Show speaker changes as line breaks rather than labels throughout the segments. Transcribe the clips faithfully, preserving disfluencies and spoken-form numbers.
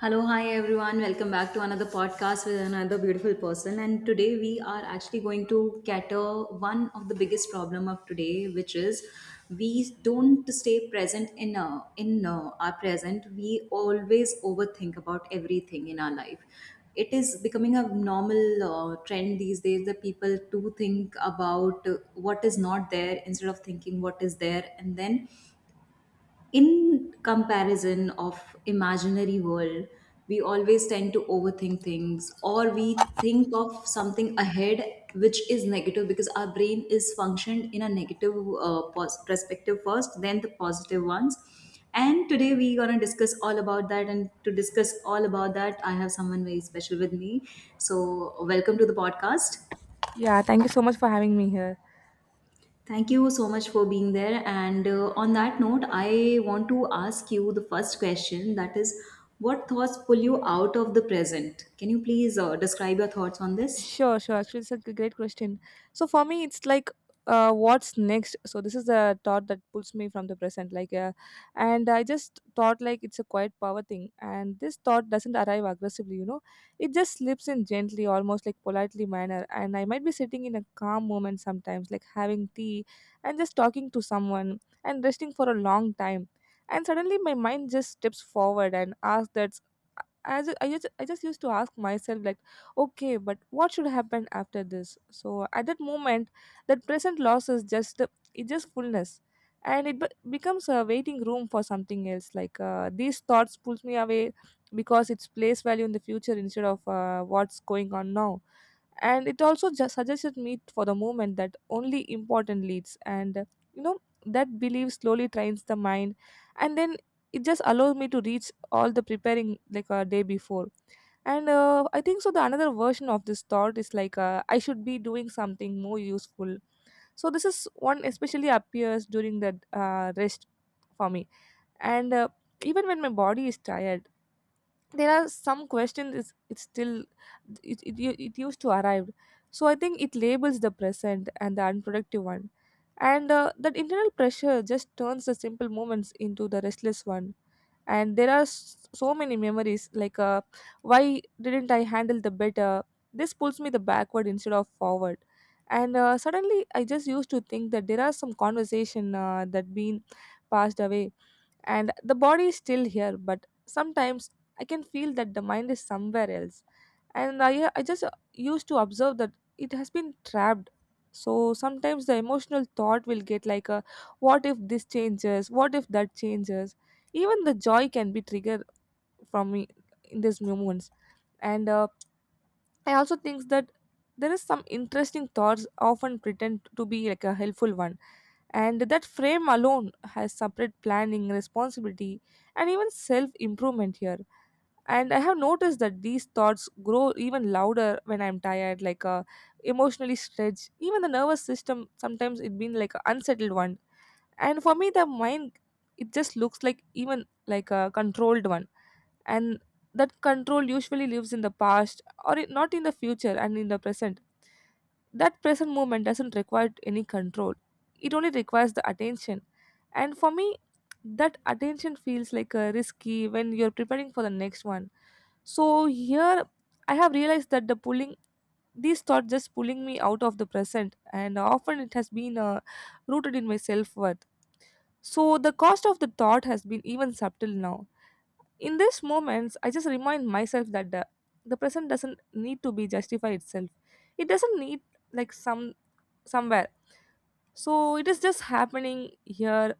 Hello, hi everyone. Welcome back to another podcast with another beautiful person. And today we are actually going to cater one of the biggest problem of today, which is we don't stay present in uh, in uh, our present. We always overthink about everything in our life. It is becoming a normal uh, trend these days that people do think about uh, what is not there instead of thinking what is there, and then in comparison of imaginary world we always tend to overthink things, or we think of something ahead, which is negative because our brain is functioned in a negative uh, pos- perspective first then the positive ones. And today we're going to discuss all about that, and to discuss all about that I have someone very special with me. So welcome to the podcast.
Yeah, thank you so much for having me here.
Thank you so much for being there. And uh, on that note, I want to ask you the first question, that is, what thoughts pull you out of the present? Can you please uh, describe your thoughts on this?
Sure, sure. Actually, it's a g- great question. So for me, it's like, uh, what's next? So this is the thought that pulls me from the present. Like, uh, and I just thought like it's a quiet power thing, and this thought doesn't arrive aggressively. You know, it just slips in gently, almost like politely manner. And I might be sitting in a calm moment sometimes, like having tea and just talking to someone and resting for a long time. And suddenly my mind just steps forward and asks that I just, I just I just used to ask myself, like, okay, but what should happen after this? So at that moment, that present loss is just, it's just fullness, and it be- becomes a waiting room for something else, like uh, these thoughts pulls me away, because it's place value in the future instead of uh, what's going on now. And it also just suggested me for the moment that only important leads, and uh, you know that belief slowly trains the mind. And then it just allows me to reach all the preparing like a day before. And uh, I think so the another version of this thought is like, uh, I should be doing something more useful. So this is one especially appears during the uh, rest for me. And uh, even when my body is tired, there are some questions, it's, it's still it, it, u- it used to arrive. So I think it labels the present and the unproductive one. And uh, that internal pressure just turns the simple moments into the restless one. And there are s- so many memories, like uh, why didn't I handle the better? This pulls me the backward instead of forward. And uh, suddenly I just used to think that there are some conversation uh, that been passed away. And the body is still here, but sometimes I can feel that the mind is somewhere else. And i, I just uh, used to observe that it has been trapped. So sometimes the emotional thought will get like a, what if this changes, what if that changes, even the joy can be triggered from me in these moments. And uh, I also think that there is some interesting thoughts often pretend to be like a helpful one, and that frame alone has separate planning responsibility and even self improvement here. And I have noticed that these thoughts grow even louder when I'm tired, like uh, emotionally stretched, even the nervous system sometimes it been like an unsettled one. And for me the mind, it just looks like even like a controlled one. And that control usually lives in the past or it- not in the future, and in the present. That present moment doesn't require any control. It only requires the attention. And for me, that attention feels like a risky when you're preparing for the next one. So here I have realized that the pulling, these thoughts just pulling me out of the present, and often it has been uh, rooted in my self-worth. So the cost of the thought has been even subtle now. In these moments I just remind myself that the, the present doesn't need to be justify itself. It doesn't need, like, some somewhere. So it is just happening here.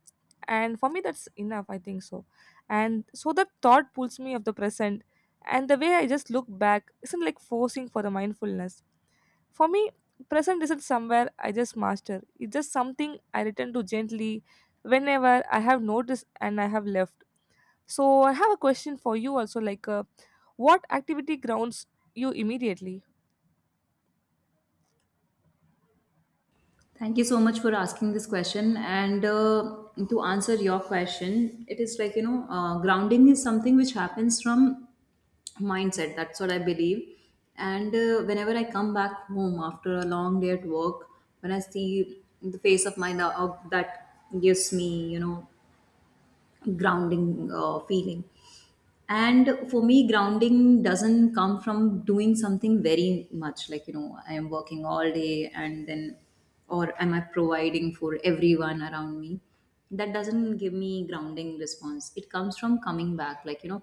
And for me, that's enough, I think so. And so the thought pulls me of the present. And the way I just look back isn't like forcing for the mindfulness. For me, present isn't somewhere I just master. It's just something I return to gently whenever I have noticed and I have left. So I have a question for you also, like, uh, what activity grounds you immediately?
Thank you so much for asking this question. And uh, to answer your question, it is like, you know, uh, grounding is something which happens from mindset. That's what I believe. And uh, whenever I come back home after a long day at work, when I see the face of my lo- of that, gives me, you know, grounding uh, feeling. And for me grounding doesn't come from doing something very much, like, you know I am working all day and then, or am I providing for everyone around me. That doesn't give me grounding response. It comes from coming back, like, you know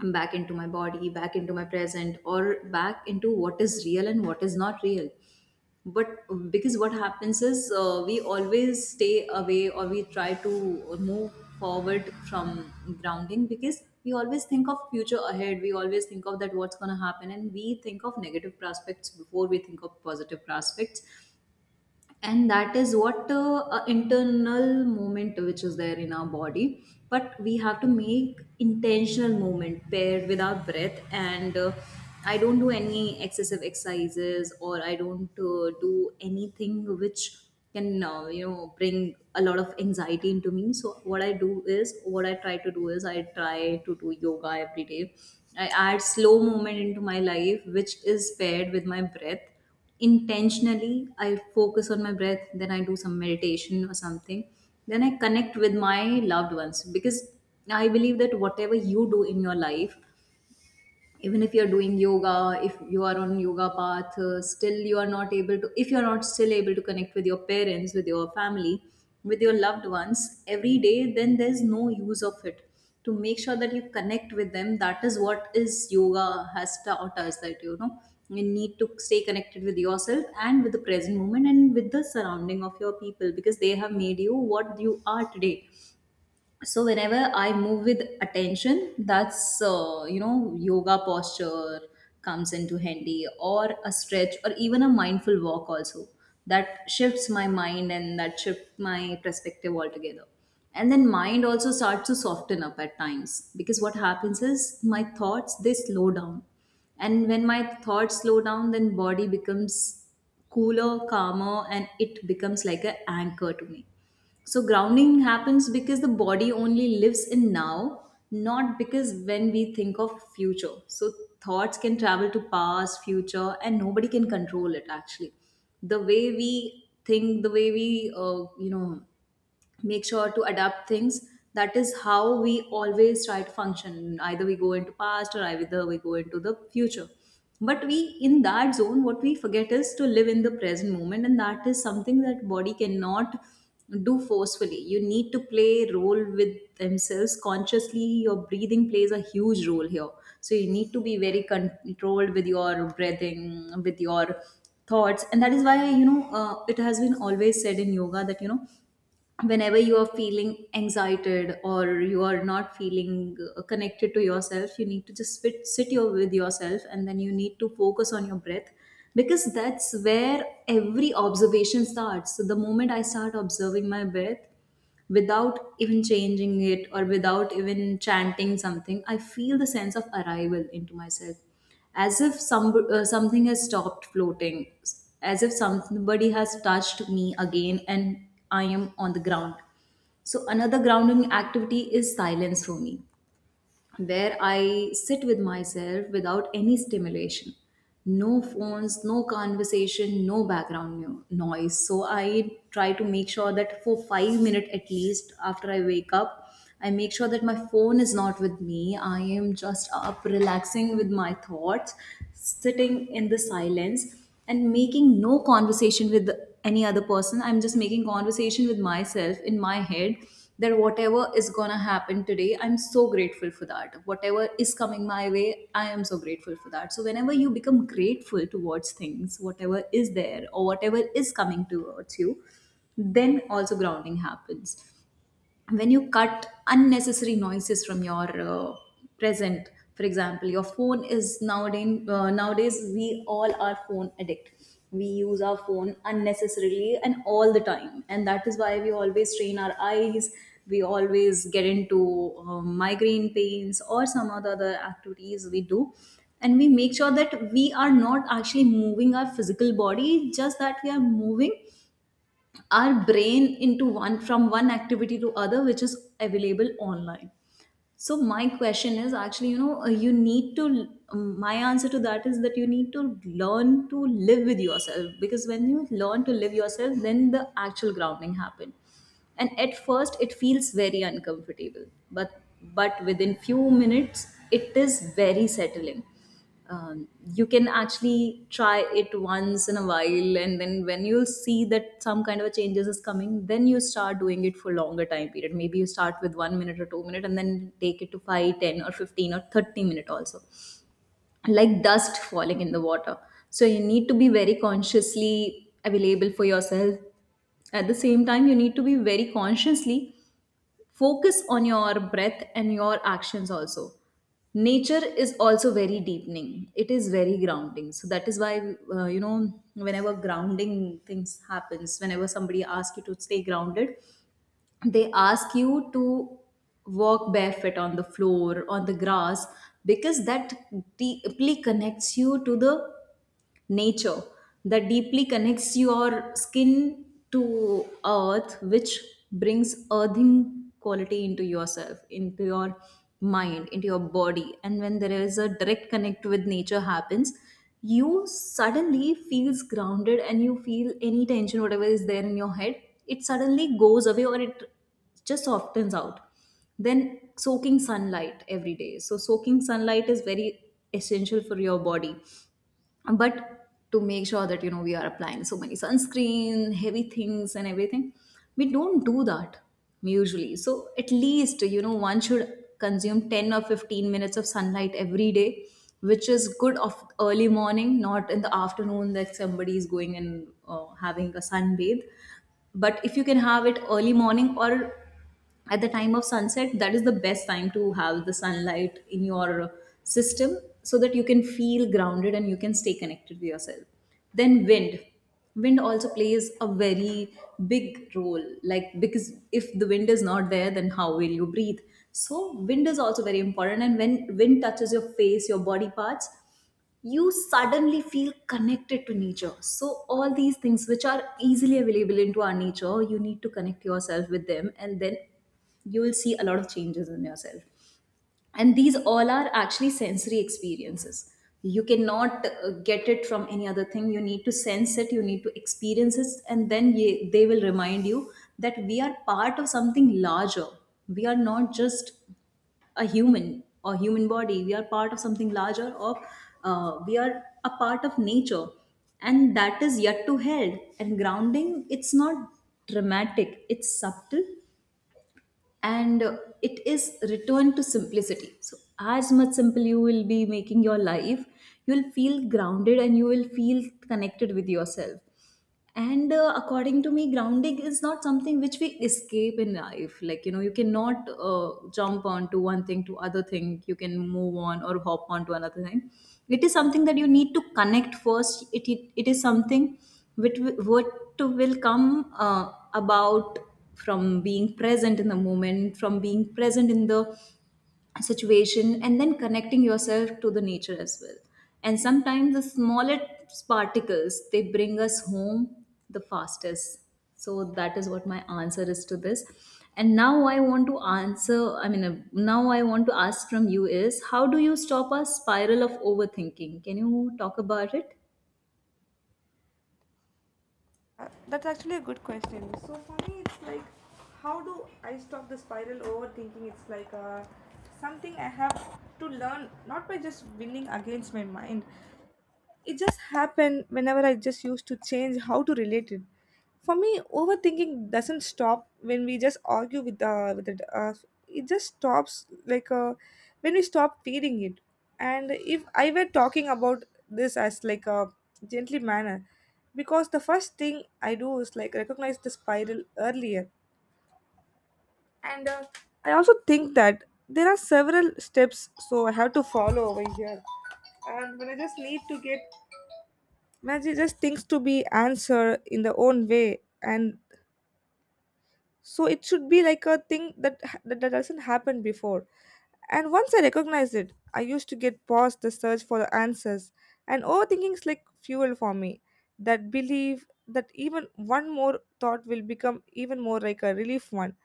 I'm back into my body, back into my present, or back into what is real and what is not real. But because what happens is, uh, we always stay away or we try to move forward from grounding, because we always think of future ahead, we always think of that what's going to happen, and we think of negative prospects before we think of positive prospects. And that is what uh, uh, internal movement which is there in our body. But we have to make intentional movement paired with our breath. And uh, I don't do any excessive exercises, or I don't uh, do anything which can uh, you know bring a lot of anxiety into me. So what I do is, what I try to do is, I try to do yoga every day. I add slow movement into my life which is paired with my breath. Intentionally, I focus on my breath, then I do some meditation or something, then I connect with my loved ones. Because I believe that whatever you do in your life, even if you're doing yoga, if you are on yoga path, uh, still you are not able to, if you're not still able to connect with your parents, with your family, with your loved ones every day, then there's no use of it. To make sure that you connect with them, that is what is yoga has taught us, that you know you need to stay connected with yourself and with the present moment and with the surrounding of your people, because they have made you what you are today. So whenever I move with attention, that's uh, you know yoga posture comes into handy, or a stretch, or even a mindful walk also, that shifts my mind and that shifts my perspective altogether. And then mind also starts to soften up at times, because what happens is my thoughts, they slow down. And when my thoughts slow down, then body becomes cooler, calmer, and it becomes like an anchor to me. So grounding happens because the body only lives in now, not because when we think of future. So thoughts can travel to past, future, and nobody can control it actually. The way we think, the way we, uh, you know, make sure to adapt things, that is how we always try to function. Either we go into past or either we go into the future, but we in that zone what we forget is to live in the present moment. And that is something that body cannot do forcefully. You need to play role with themselves consciously. Your breathing plays a huge role here. So you need to be very controlled with your breathing, with your thoughts. And that is why, you know uh, it has been always said in yoga that, you know whenever you are feeling excited or you are not feeling uh, connected to yourself, you need to just sit, sit your, with yourself, and then you need to focus on your breath, because that's where every observation starts. So the moment I start observing my breath without even changing it or without even chanting something, I feel the sense of arrival into myself, as if some uh, something has stopped floating, as if somebody has touched me again and I am on the ground. So another grounding activity is silence for me, where I sit with myself without any stimulation. No phones, no conversation, no background nu- noise. So I try to make sure that for five minutes at least after I wake up, I make sure that my phone is not with me. I am just up relaxing with my thoughts, sitting in the silence and making no conversation with any other person. I'm just making conversation with myself in my head, that whatever is gonna happen today, I'm so grateful for that. Whatever is coming my way, I am so grateful for that. So whenever you become grateful towards things, whatever is there or whatever is coming towards you, then also grounding happens when you cut unnecessary noises from your uh, present. For example, your phone is nowadays uh, nowadays we all are phone addict. We use our phone unnecessarily and all the time, and that is why we always strain our eyes, we always get into uh, migraine pains or some other other activities we do. And we make sure that we are not actually moving our physical body, just that we are moving our brain into one, from one activity to other, which is available online. So my question is actually, you know uh, you need to, um, my answer to that is that you need to learn to live with yourself, because when you learn to live yourself, then the actual grounding happen. And at first it feels very uncomfortable, but but within few minutes it is very settling. Um, you can actually try it once in a while, and then when you'll see that some kind of a changes is coming, then you start doing it for longer time period. Maybe you start with one minute or two minute and then take it to five, ten, or fifteen or thirty minute also, like dust falling in the water. So you need to be very consciously available for yourself. At the same time, you need to be very consciously focus on your breath and your actions also. Nature is also very deepening. It is very grounding. So that is why, uh, you know whenever grounding things happens, whenever somebody asks you to stay grounded, they ask you to walk barefoot on the floor, on the grass, because that deeply connects you to the nature, that deeply connects your skin to earth, which brings earthing quality into yourself, into your mind, into your body. And when there is a direct connect with nature happens, you suddenly feels grounded and you feel any tension, whatever is there in your head, it suddenly goes away or it just softens out. Then soaking sunlight every day, so soaking sunlight is very essential for your body, but to make sure that you know we are applying so many sunscreen heavy things and everything, we don't do that usually. So at least you know one should consume ten or fifteen minutes of sunlight every day, which is good of early morning, not in the afternoon that somebody is going and uh, having a sunbathe. But if you can have it early morning or at the time of sunset, that is the best time to have the sunlight in your system, so that you can feel grounded and you can stay connected to yourself. Then wind, wind also plays a very big role, like because if the wind is not there, then how will you breathe? So wind is also very important, and when wind touches your face, your body parts, you suddenly feel connected to nature. So all these things which are easily available into our nature, you need to connect yourself with them, and then you will see a lot of changes in yourself. And these all are actually sensory experiences. You cannot uh, get it from any other thing. You need to sense it, you need to experience it, and then ye- they will remind you that we are part of something larger. We are not just a human or human body, we are part of something larger, or uh, we are a part of nature. And that is yet to held. And grounding, it's not dramatic, it's subtle. And uh, it is return to simplicity. So as much simple you will be making your life, you'll feel grounded and you will feel connected with yourself. And uh, according to me, grounding is not something which we escape in life. Like you know you cannot uh, jump onto one thing to other thing. You can move on or hop on to another thing. It is something that you need to connect first. It it, it is something which wi- what will come uh, about from being present in the moment, from being present in the situation, and then connecting yourself to the nature as well. And sometimes the smallest particles, they bring us home the fastest. So that is what my answer is to this. And now I want to answer I mean uh, now I want to ask from you is, how do you stop a spiral of overthinking? Can you talk about it?
Uh, that's actually a good question. So for me, it's like, how do I stop the spiral overthinking? It's like, uh, something I have to learn, not by just winning against my mind. It just happened whenever I just used to change how to relate it. For me overthinking doesn't stop when we just argue with uh with it. Uh, it just stops, like uh when we stop feeding it. And if I were talking about this as like a gently manner, because the first thing I do is like recognize the spiral earlier. And uh, I also think that there are several steps, so I have to follow over here. And when I just need to get magic just things to be answered in their own way, and so it should be like a thing that that that doesn't happen before. And once I recognized it, I used to get past the search for the answers. And overthinking is like fuel for me, that believe that even one more thought will become even more like a relief one.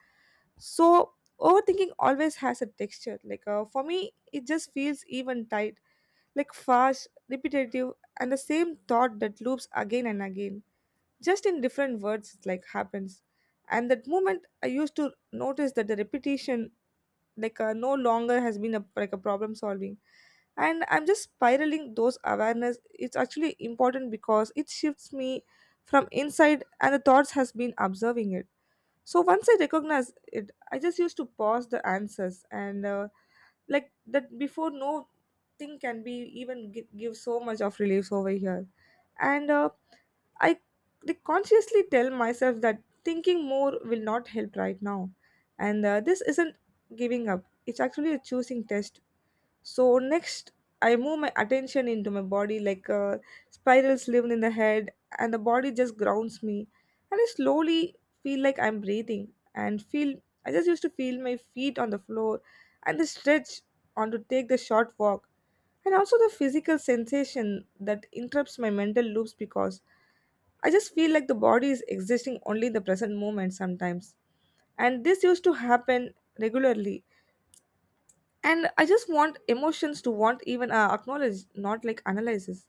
So overthinking always has a texture, like uh, for me it just feels even tight, like fast, repetitive, and the same thought that loops again and again, just in different words, it's like happens. And that moment I used to notice that the repetition, like, uh, no longer has been a like a problem solving, and I'm just spiraling. Those awareness, it's actually important, because it shifts me from inside, and the thoughts has been observing it. So once I recognize it, I just used to pause the answers. And uh, like that before, no thing can be even gi- give so much of relief over here. And uh, I, like, consciously tell myself that thinking more will not help right now. And uh, this isn't giving up, it's actually a choosing test. So, next, I move my attention into my body, like uh, spirals live in the head, and the body just grounds me. And I slowly feel like I'm breathing and feel I just used to feel my feet on the floor and the stretch on to take the short walk, and also the physical sensation that interrupts my mental loops, because I just feel like the body is existing only in the present moment sometimes. And this used to happen regularly. And I just want emotions to want even uh, acknowledge, not like analysis.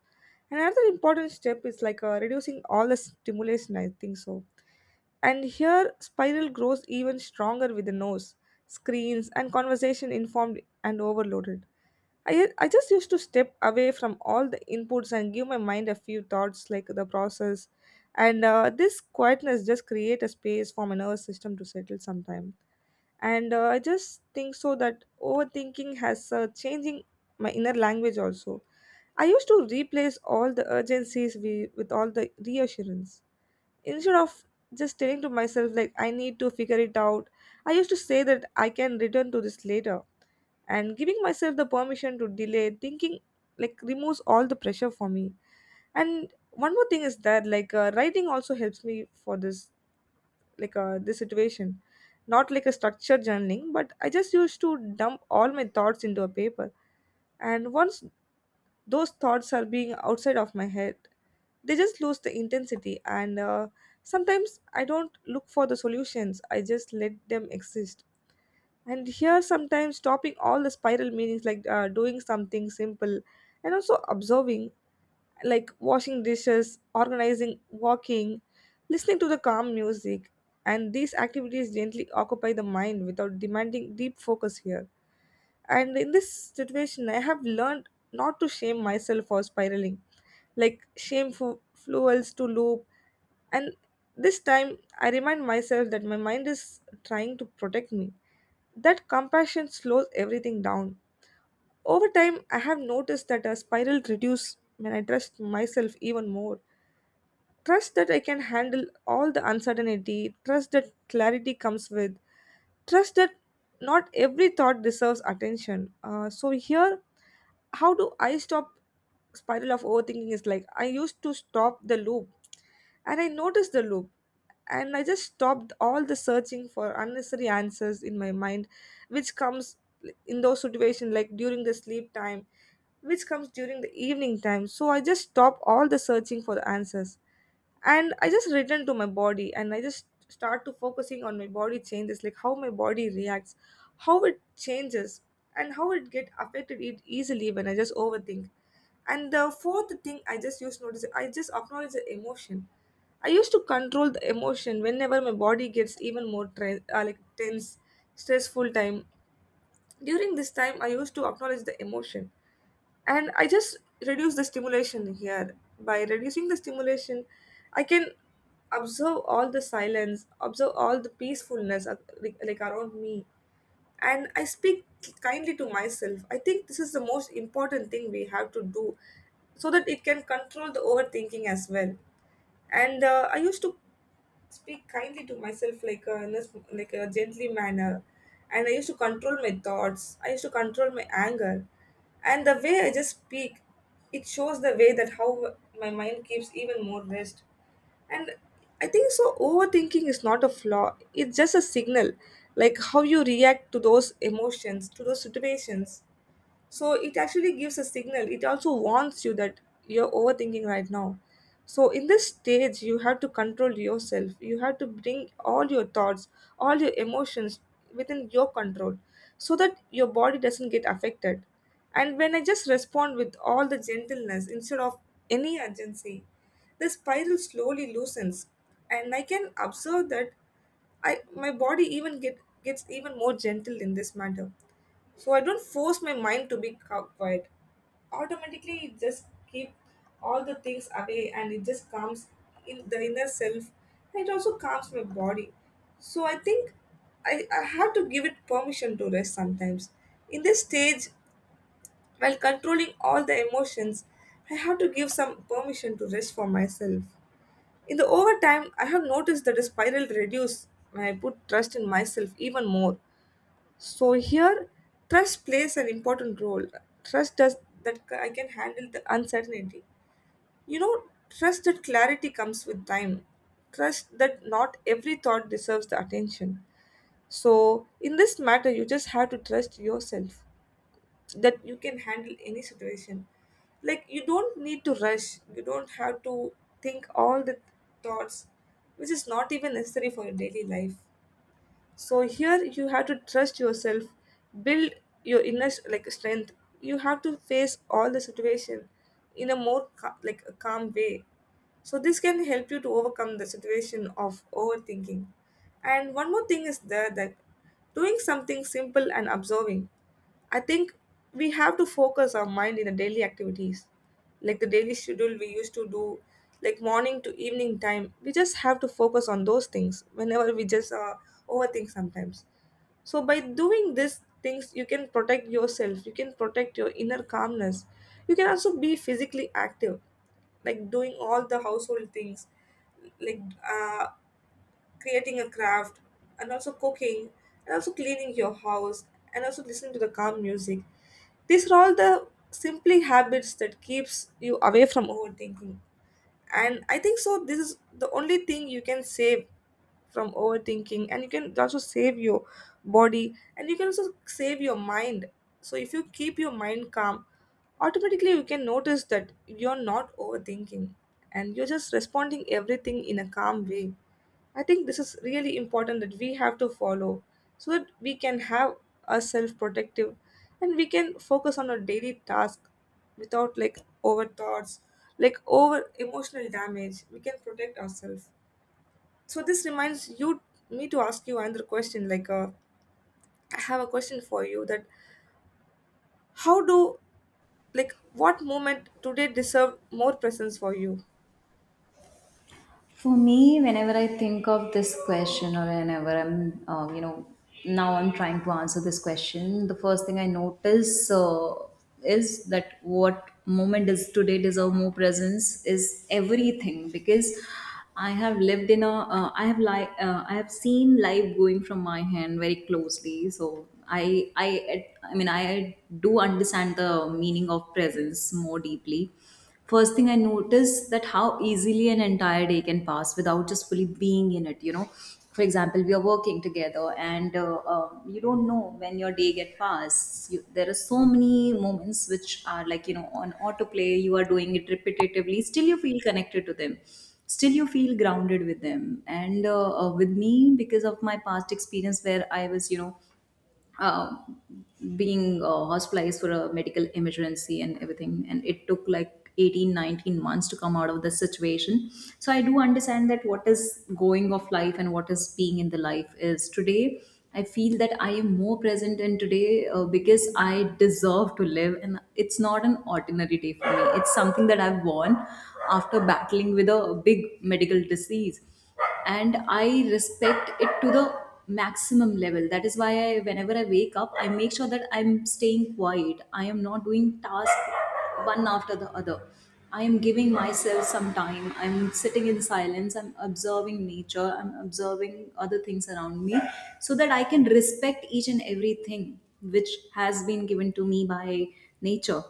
And another important step is like, uh, reducing all the stimulation, I think so. And here spiral grows even stronger with the nose, screens and conversation informed and overloaded. I, I just used to step away from all the inputs and give my mind a few thoughts like the process. And uh, this quietness just create a space for my nervous system to settle sometime. And uh, I just think so that overthinking has uh, changing my inner language also. I used to replace all the urgencies we, with all the reassurance. Instead of just telling to myself, like, I need to figure it out, I used to say that I can return to this later. And giving myself the permission to delay thinking, like, removes all the pressure for me. And one more thing is that, like, uh, writing also helps me for this, like, uh, this situation. Not like a structured journaling, but I just used to dump all my thoughts into a paper. And once those thoughts are being outside of my head, they just lose the intensity. And uh, sometimes I don't look for the solutions, I just let them exist. And here sometimes stopping all the spiral meanings, like, uh, doing something simple and also observing, like washing dishes, organizing, walking, listening to the calm music. And these activities gently occupy the mind without demanding deep focus here. And in this situation, I have learned not to shame myself for spiraling, like shameful fuels to loop. And this time, I remind myself that my mind is trying to protect me, that compassion slows everything down. Over time, I have noticed that a spiral reduces when I trust myself even more. Trust that I can handle all the uncertainty, trust that clarity comes with, trust that not every thought deserves attention. Uh, so, here, how do I stop spiral of overthinking? Is like I used to stop the loop, and I noticed the loop. And I just stopped all the searching for unnecessary answers in my mind, which comes in those situations like during the sleep time, which comes during the evening time. So I just stop all the searching for the answers. And I just return to my body, and I just start to focusing on my body changes, like how my body reacts, how it changes, and how it get affected it easily when I just overthink. And the fourth thing I just used to notice, I just acknowledge the emotion. I used to control the emotion whenever my body gets even more tre- uh, like tense, stressful time. During this time, I used to acknowledge the emotion, and I just reduce the stimulation here. By reducing the stimulation, I can observe all the silence, observe all the peacefulness uh, like like around me, and I speak kindly to myself. I think this is the most important thing we have to do so that it can control the overthinking as well. And uh, I used to speak kindly to myself like a, in a sm- like a gently manner, and I used to control my thoughts, I used to control my anger, and the way I just speak, it shows the way that how my mind keeps even more rest. And I think so overthinking is not a flaw, it's just a signal, like how you react to those emotions, to those situations. So it actually gives a signal, it also warns you that you're overthinking right now. So in this stage you have to control yourself, you have to bring all your thoughts, all your emotions within your control, so that your body doesn't get affected. And when I just respond with all the gentleness instead of any urgency, the spiral slowly loosens, and I can observe that I my body even get gets even more gentle in this matter. So I don't force my mind to be ca- quiet. Automatically it just keep all the things away, and it just calms in the inner self, and it also calms my body. So I think I, I have to give it permission to rest sometimes. In this stage, while controlling all the emotions, I have to give some permission to rest for myself. In the overtime I have noticed that the spiral reduce when I put trust in myself even more. So here, trust plays an important role. Trust does that I can handle the uncertainty. You know, trust that clarity comes with time. Trust that not every thought deserves the attention. So in this matter, you just have to trust yourself, that you can handle any situation. Like, you don't need to rush. You don't have to think all the thoughts, which is not even necessary for your daily life. So here you have to trust yourself, build your inner like strength. You have to face all the situation in a more ca- like a calm way. So this can help you to overcome the situation of overthinking. And one more thing is there, that doing something simple and observing. I think we have to focus our mind in the daily activities, like the daily schedule we used to do, like morning to evening time. We just have to focus on those things whenever we just uh, overthink sometimes. So, by doing these things, you can protect yourself, you can protect your inner calmness, you can also be physically active, like doing all the household things, like uh, creating a craft, and also cooking, and also cleaning your house, and also listening to the calm music. These are all the simply habits that keeps you away from overthinking. And I think so this is the only thing you can save from overthinking, and you can also save your body, and you can also save your mind. So if you keep your mind calm, automatically you can notice that you're not overthinking, and you're just responding everything in a calm way. I think this is really important that we have to follow, so that we can have ourselves protective, and we can focus on our daily task without like over thoughts, like over emotional damage. We can protect ourselves. So this reminds you me to ask you another question. Like uh, I have a question for you, that how do like what moment today deserve more presence for you?
For me, whenever I think of this question, or whenever I'm, uh, you know, now I'm trying to answer this question, the first thing I notice uh, is that what moment is today deserve more presence is everything, because I have lived in a, uh, I have like, uh, I have seen life going from my hand very closely. So I, I, I mean, I do understand the meaning of presence more deeply. First thing I noticed that how easily an entire day can pass without just fully being in it, you know for example, we are working together, and uh, uh, you don't know when your day get passed. You, there are so many moments which are like you know on autoplay, you are doing it repetitively, still you feel connected to them, still you feel grounded with them. And uh, uh, with me, because of my past experience where I was you know uh, being uh, hospitalized for a medical emergency and everything, and it took like eighteen, nineteen months to come out of the situation. So I do understand that what is going of life and what is being in the life is today. I feel that I am more present in today, uh, because I deserve to live, and it's not an ordinary day for me, it's something that I've won after battling with a big medical disease. And I respect it to the maximum level. That is why I, whenever I wake up, I make sure that I'm staying quiet, I am not doing tasks one after the other. I am giving myself some time, I'm sitting in silence, I'm observing nature, I'm observing other things around me, so that I can respect each and everything which has been given to me by nature.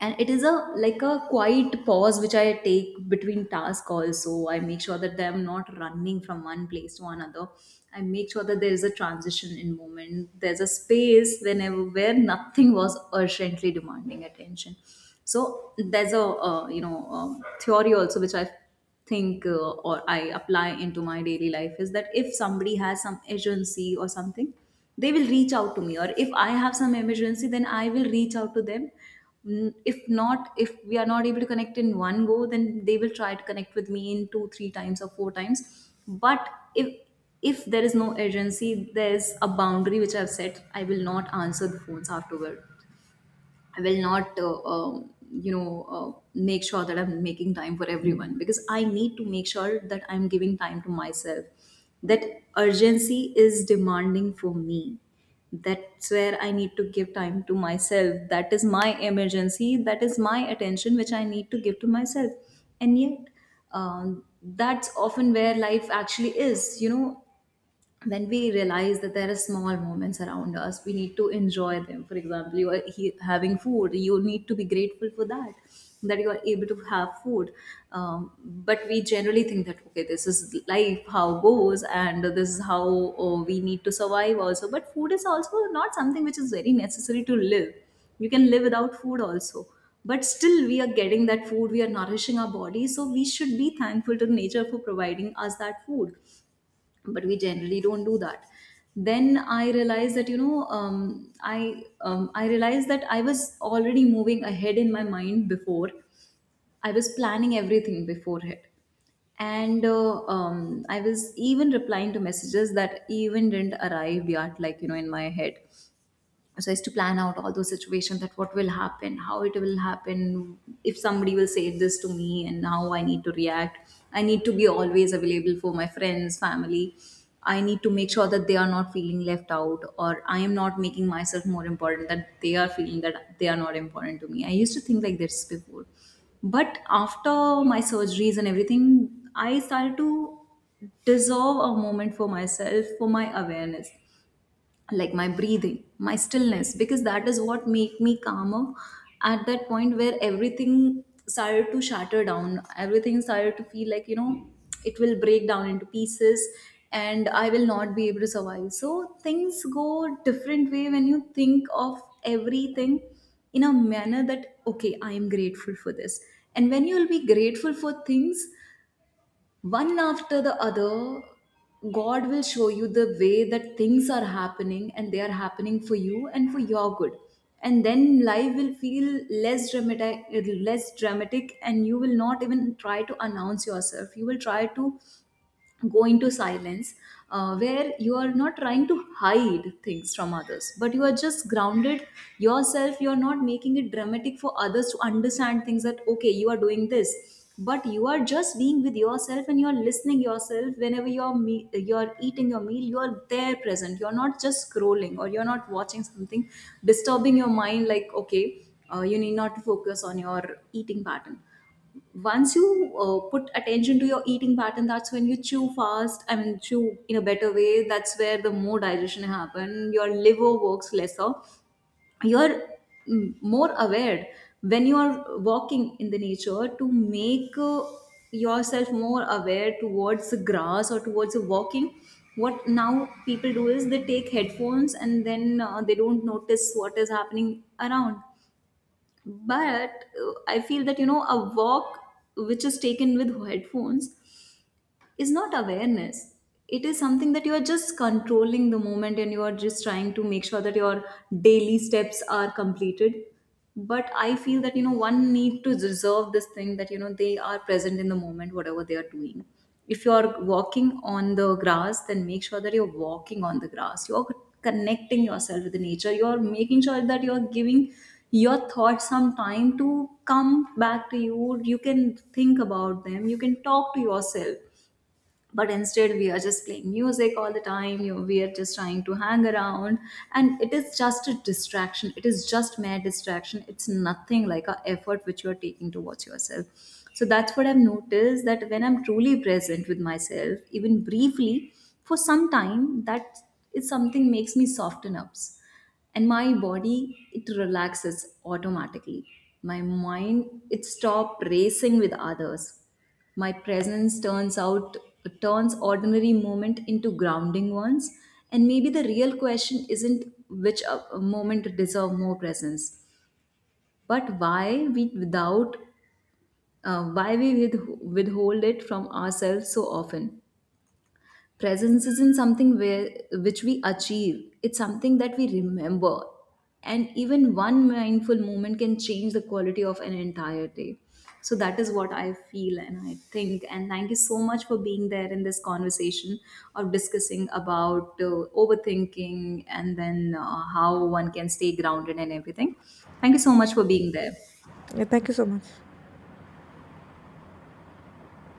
And it is a like a quiet pause which I take between task. Also, I make sure that I'm not running from one place to another. I make sure that there is a transition in moment, there's a space whenever where nothing was urgently demanding attention. So there's a uh, you know um theory also which I've think uh, or I apply into my daily life is that if somebody has some urgency or something, they will reach out to me. Or if I have some emergency, then I will reach out to them. Mm. If not, if we are not able to connect in one go, then they will try to connect with me in two, three times or four times. But if if there is no urgency, there is a boundary which I've set. I will not answer the phones afterward. I will not, uh, um, you know, uh, make sure that I'm making time for everyone, because I need to make sure that I'm giving time to myself. That urgency is demanding for me. That's where I need to give time to myself. That is my emergency. That is my attention, which I need to give to myself. And yet, um, that's often where life actually is. You know, when we realize that there are small moments around us, we need to enjoy them. For example, you are he- having food, you need to be grateful for that, that you are able to have food. um, but we generally think that okay, this is life how goes, and this is how, oh, we need to survive also. But food is also not something which is very necessary to live. You can live without food also. But still we are getting that food, we are nourishing our body, so we should be thankful to nature for providing us that food. But we generally don't do that. Then I realized that you know um, i um, I realized that I was already moving ahead in my mind before. I was planning everything beforehand. And uh, um, I was even replying to messages that even didn't arrive yet, like you know in my head, so as to plan out all those situations, that what will happen, how it will happen, if somebody will say this to me and how I need to react. I need to be always available for my friends, family. I need to make sure that they are not feeling left out, or I am not making myself more important that they are feeling that they are not important to me. I used to think like this before, but after my surgeries and everything, I started to deserve a moment for myself, for my awareness, like my breathing, my stillness, because that is what make me calmer at that point, where everything started to shatter down, everything started to feel like you know it will break down into pieces and I will not be able to survive. So things go different way when you think of everything in a manner that okay, I am grateful for this. And when you will be grateful for things one after the other, God will show you the way, that things are happening and they are happening for you and for your good. And then life will feel less dramatic. Less dramatic, and you will not even try to announce yourself. You will try to go into silence, uh, where you are not trying to hide things from others, but you are just grounded yourself. You are not making it dramatic for others to understand things that okay, you are doing this, but you are just being with yourself and you are listening yourself. Whenever you are me- you are eating your meal, you are there present, you are not just scrolling or you are not watching something disturbing your mind like okay, uh, you need not to focus on your eating pattern. Once you uh, put attention to your eating pattern, that's when you chew fast, I mean chew in a better way. That's where the more digestion happen, your liver works lesser. You're mm, more aware when you are walking in the nature, to make uh, yourself more aware towards the grass or towards the walking. What now people do is they take headphones and then uh, they don't notice what is happening around. But uh, I feel that you know a walk which is taken with headphones is not awareness. It is something that you are just controlling the moment and you are just trying to make sure that your daily steps are completed. But I feel that, you know, one need to reserve this thing that, you know, they are present in the moment, whatever they are doing. If you are walking on the grass, then make sure that you're walking on the grass. You're connecting yourself with the nature. You're making sure that you're giving your thoughts some time to come back to you. You can think about them, you can talk to yourself. But instead we are just playing music all the time, you we are just trying to hang around, and it is just a distraction, it is just mere distraction. It's nothing like a effort which you are taking towards yourself. So that's what I've noticed, that when I'm truly present with myself, even briefly, for some time, that is something makes me soften up, and my body, it relaxes automatically. My mind, it stopped racing with others. My presence turns out, turns ordinary moment into grounding ones. And maybe the real question isn't which uh, moment deserve more presence, but why we without uh, why we with, withhold it from ourselves so often. Presence isn't something where which we achieve, it's something that we remember, and even one mindful moment can change the quality of an entire day. So that is what I feel and I think. And thank you so much for being there in this conversation of discussing about uh, overthinking and then uh, how one can stay grounded and everything. Thank you so much for being there.
Yeah, thank you so much.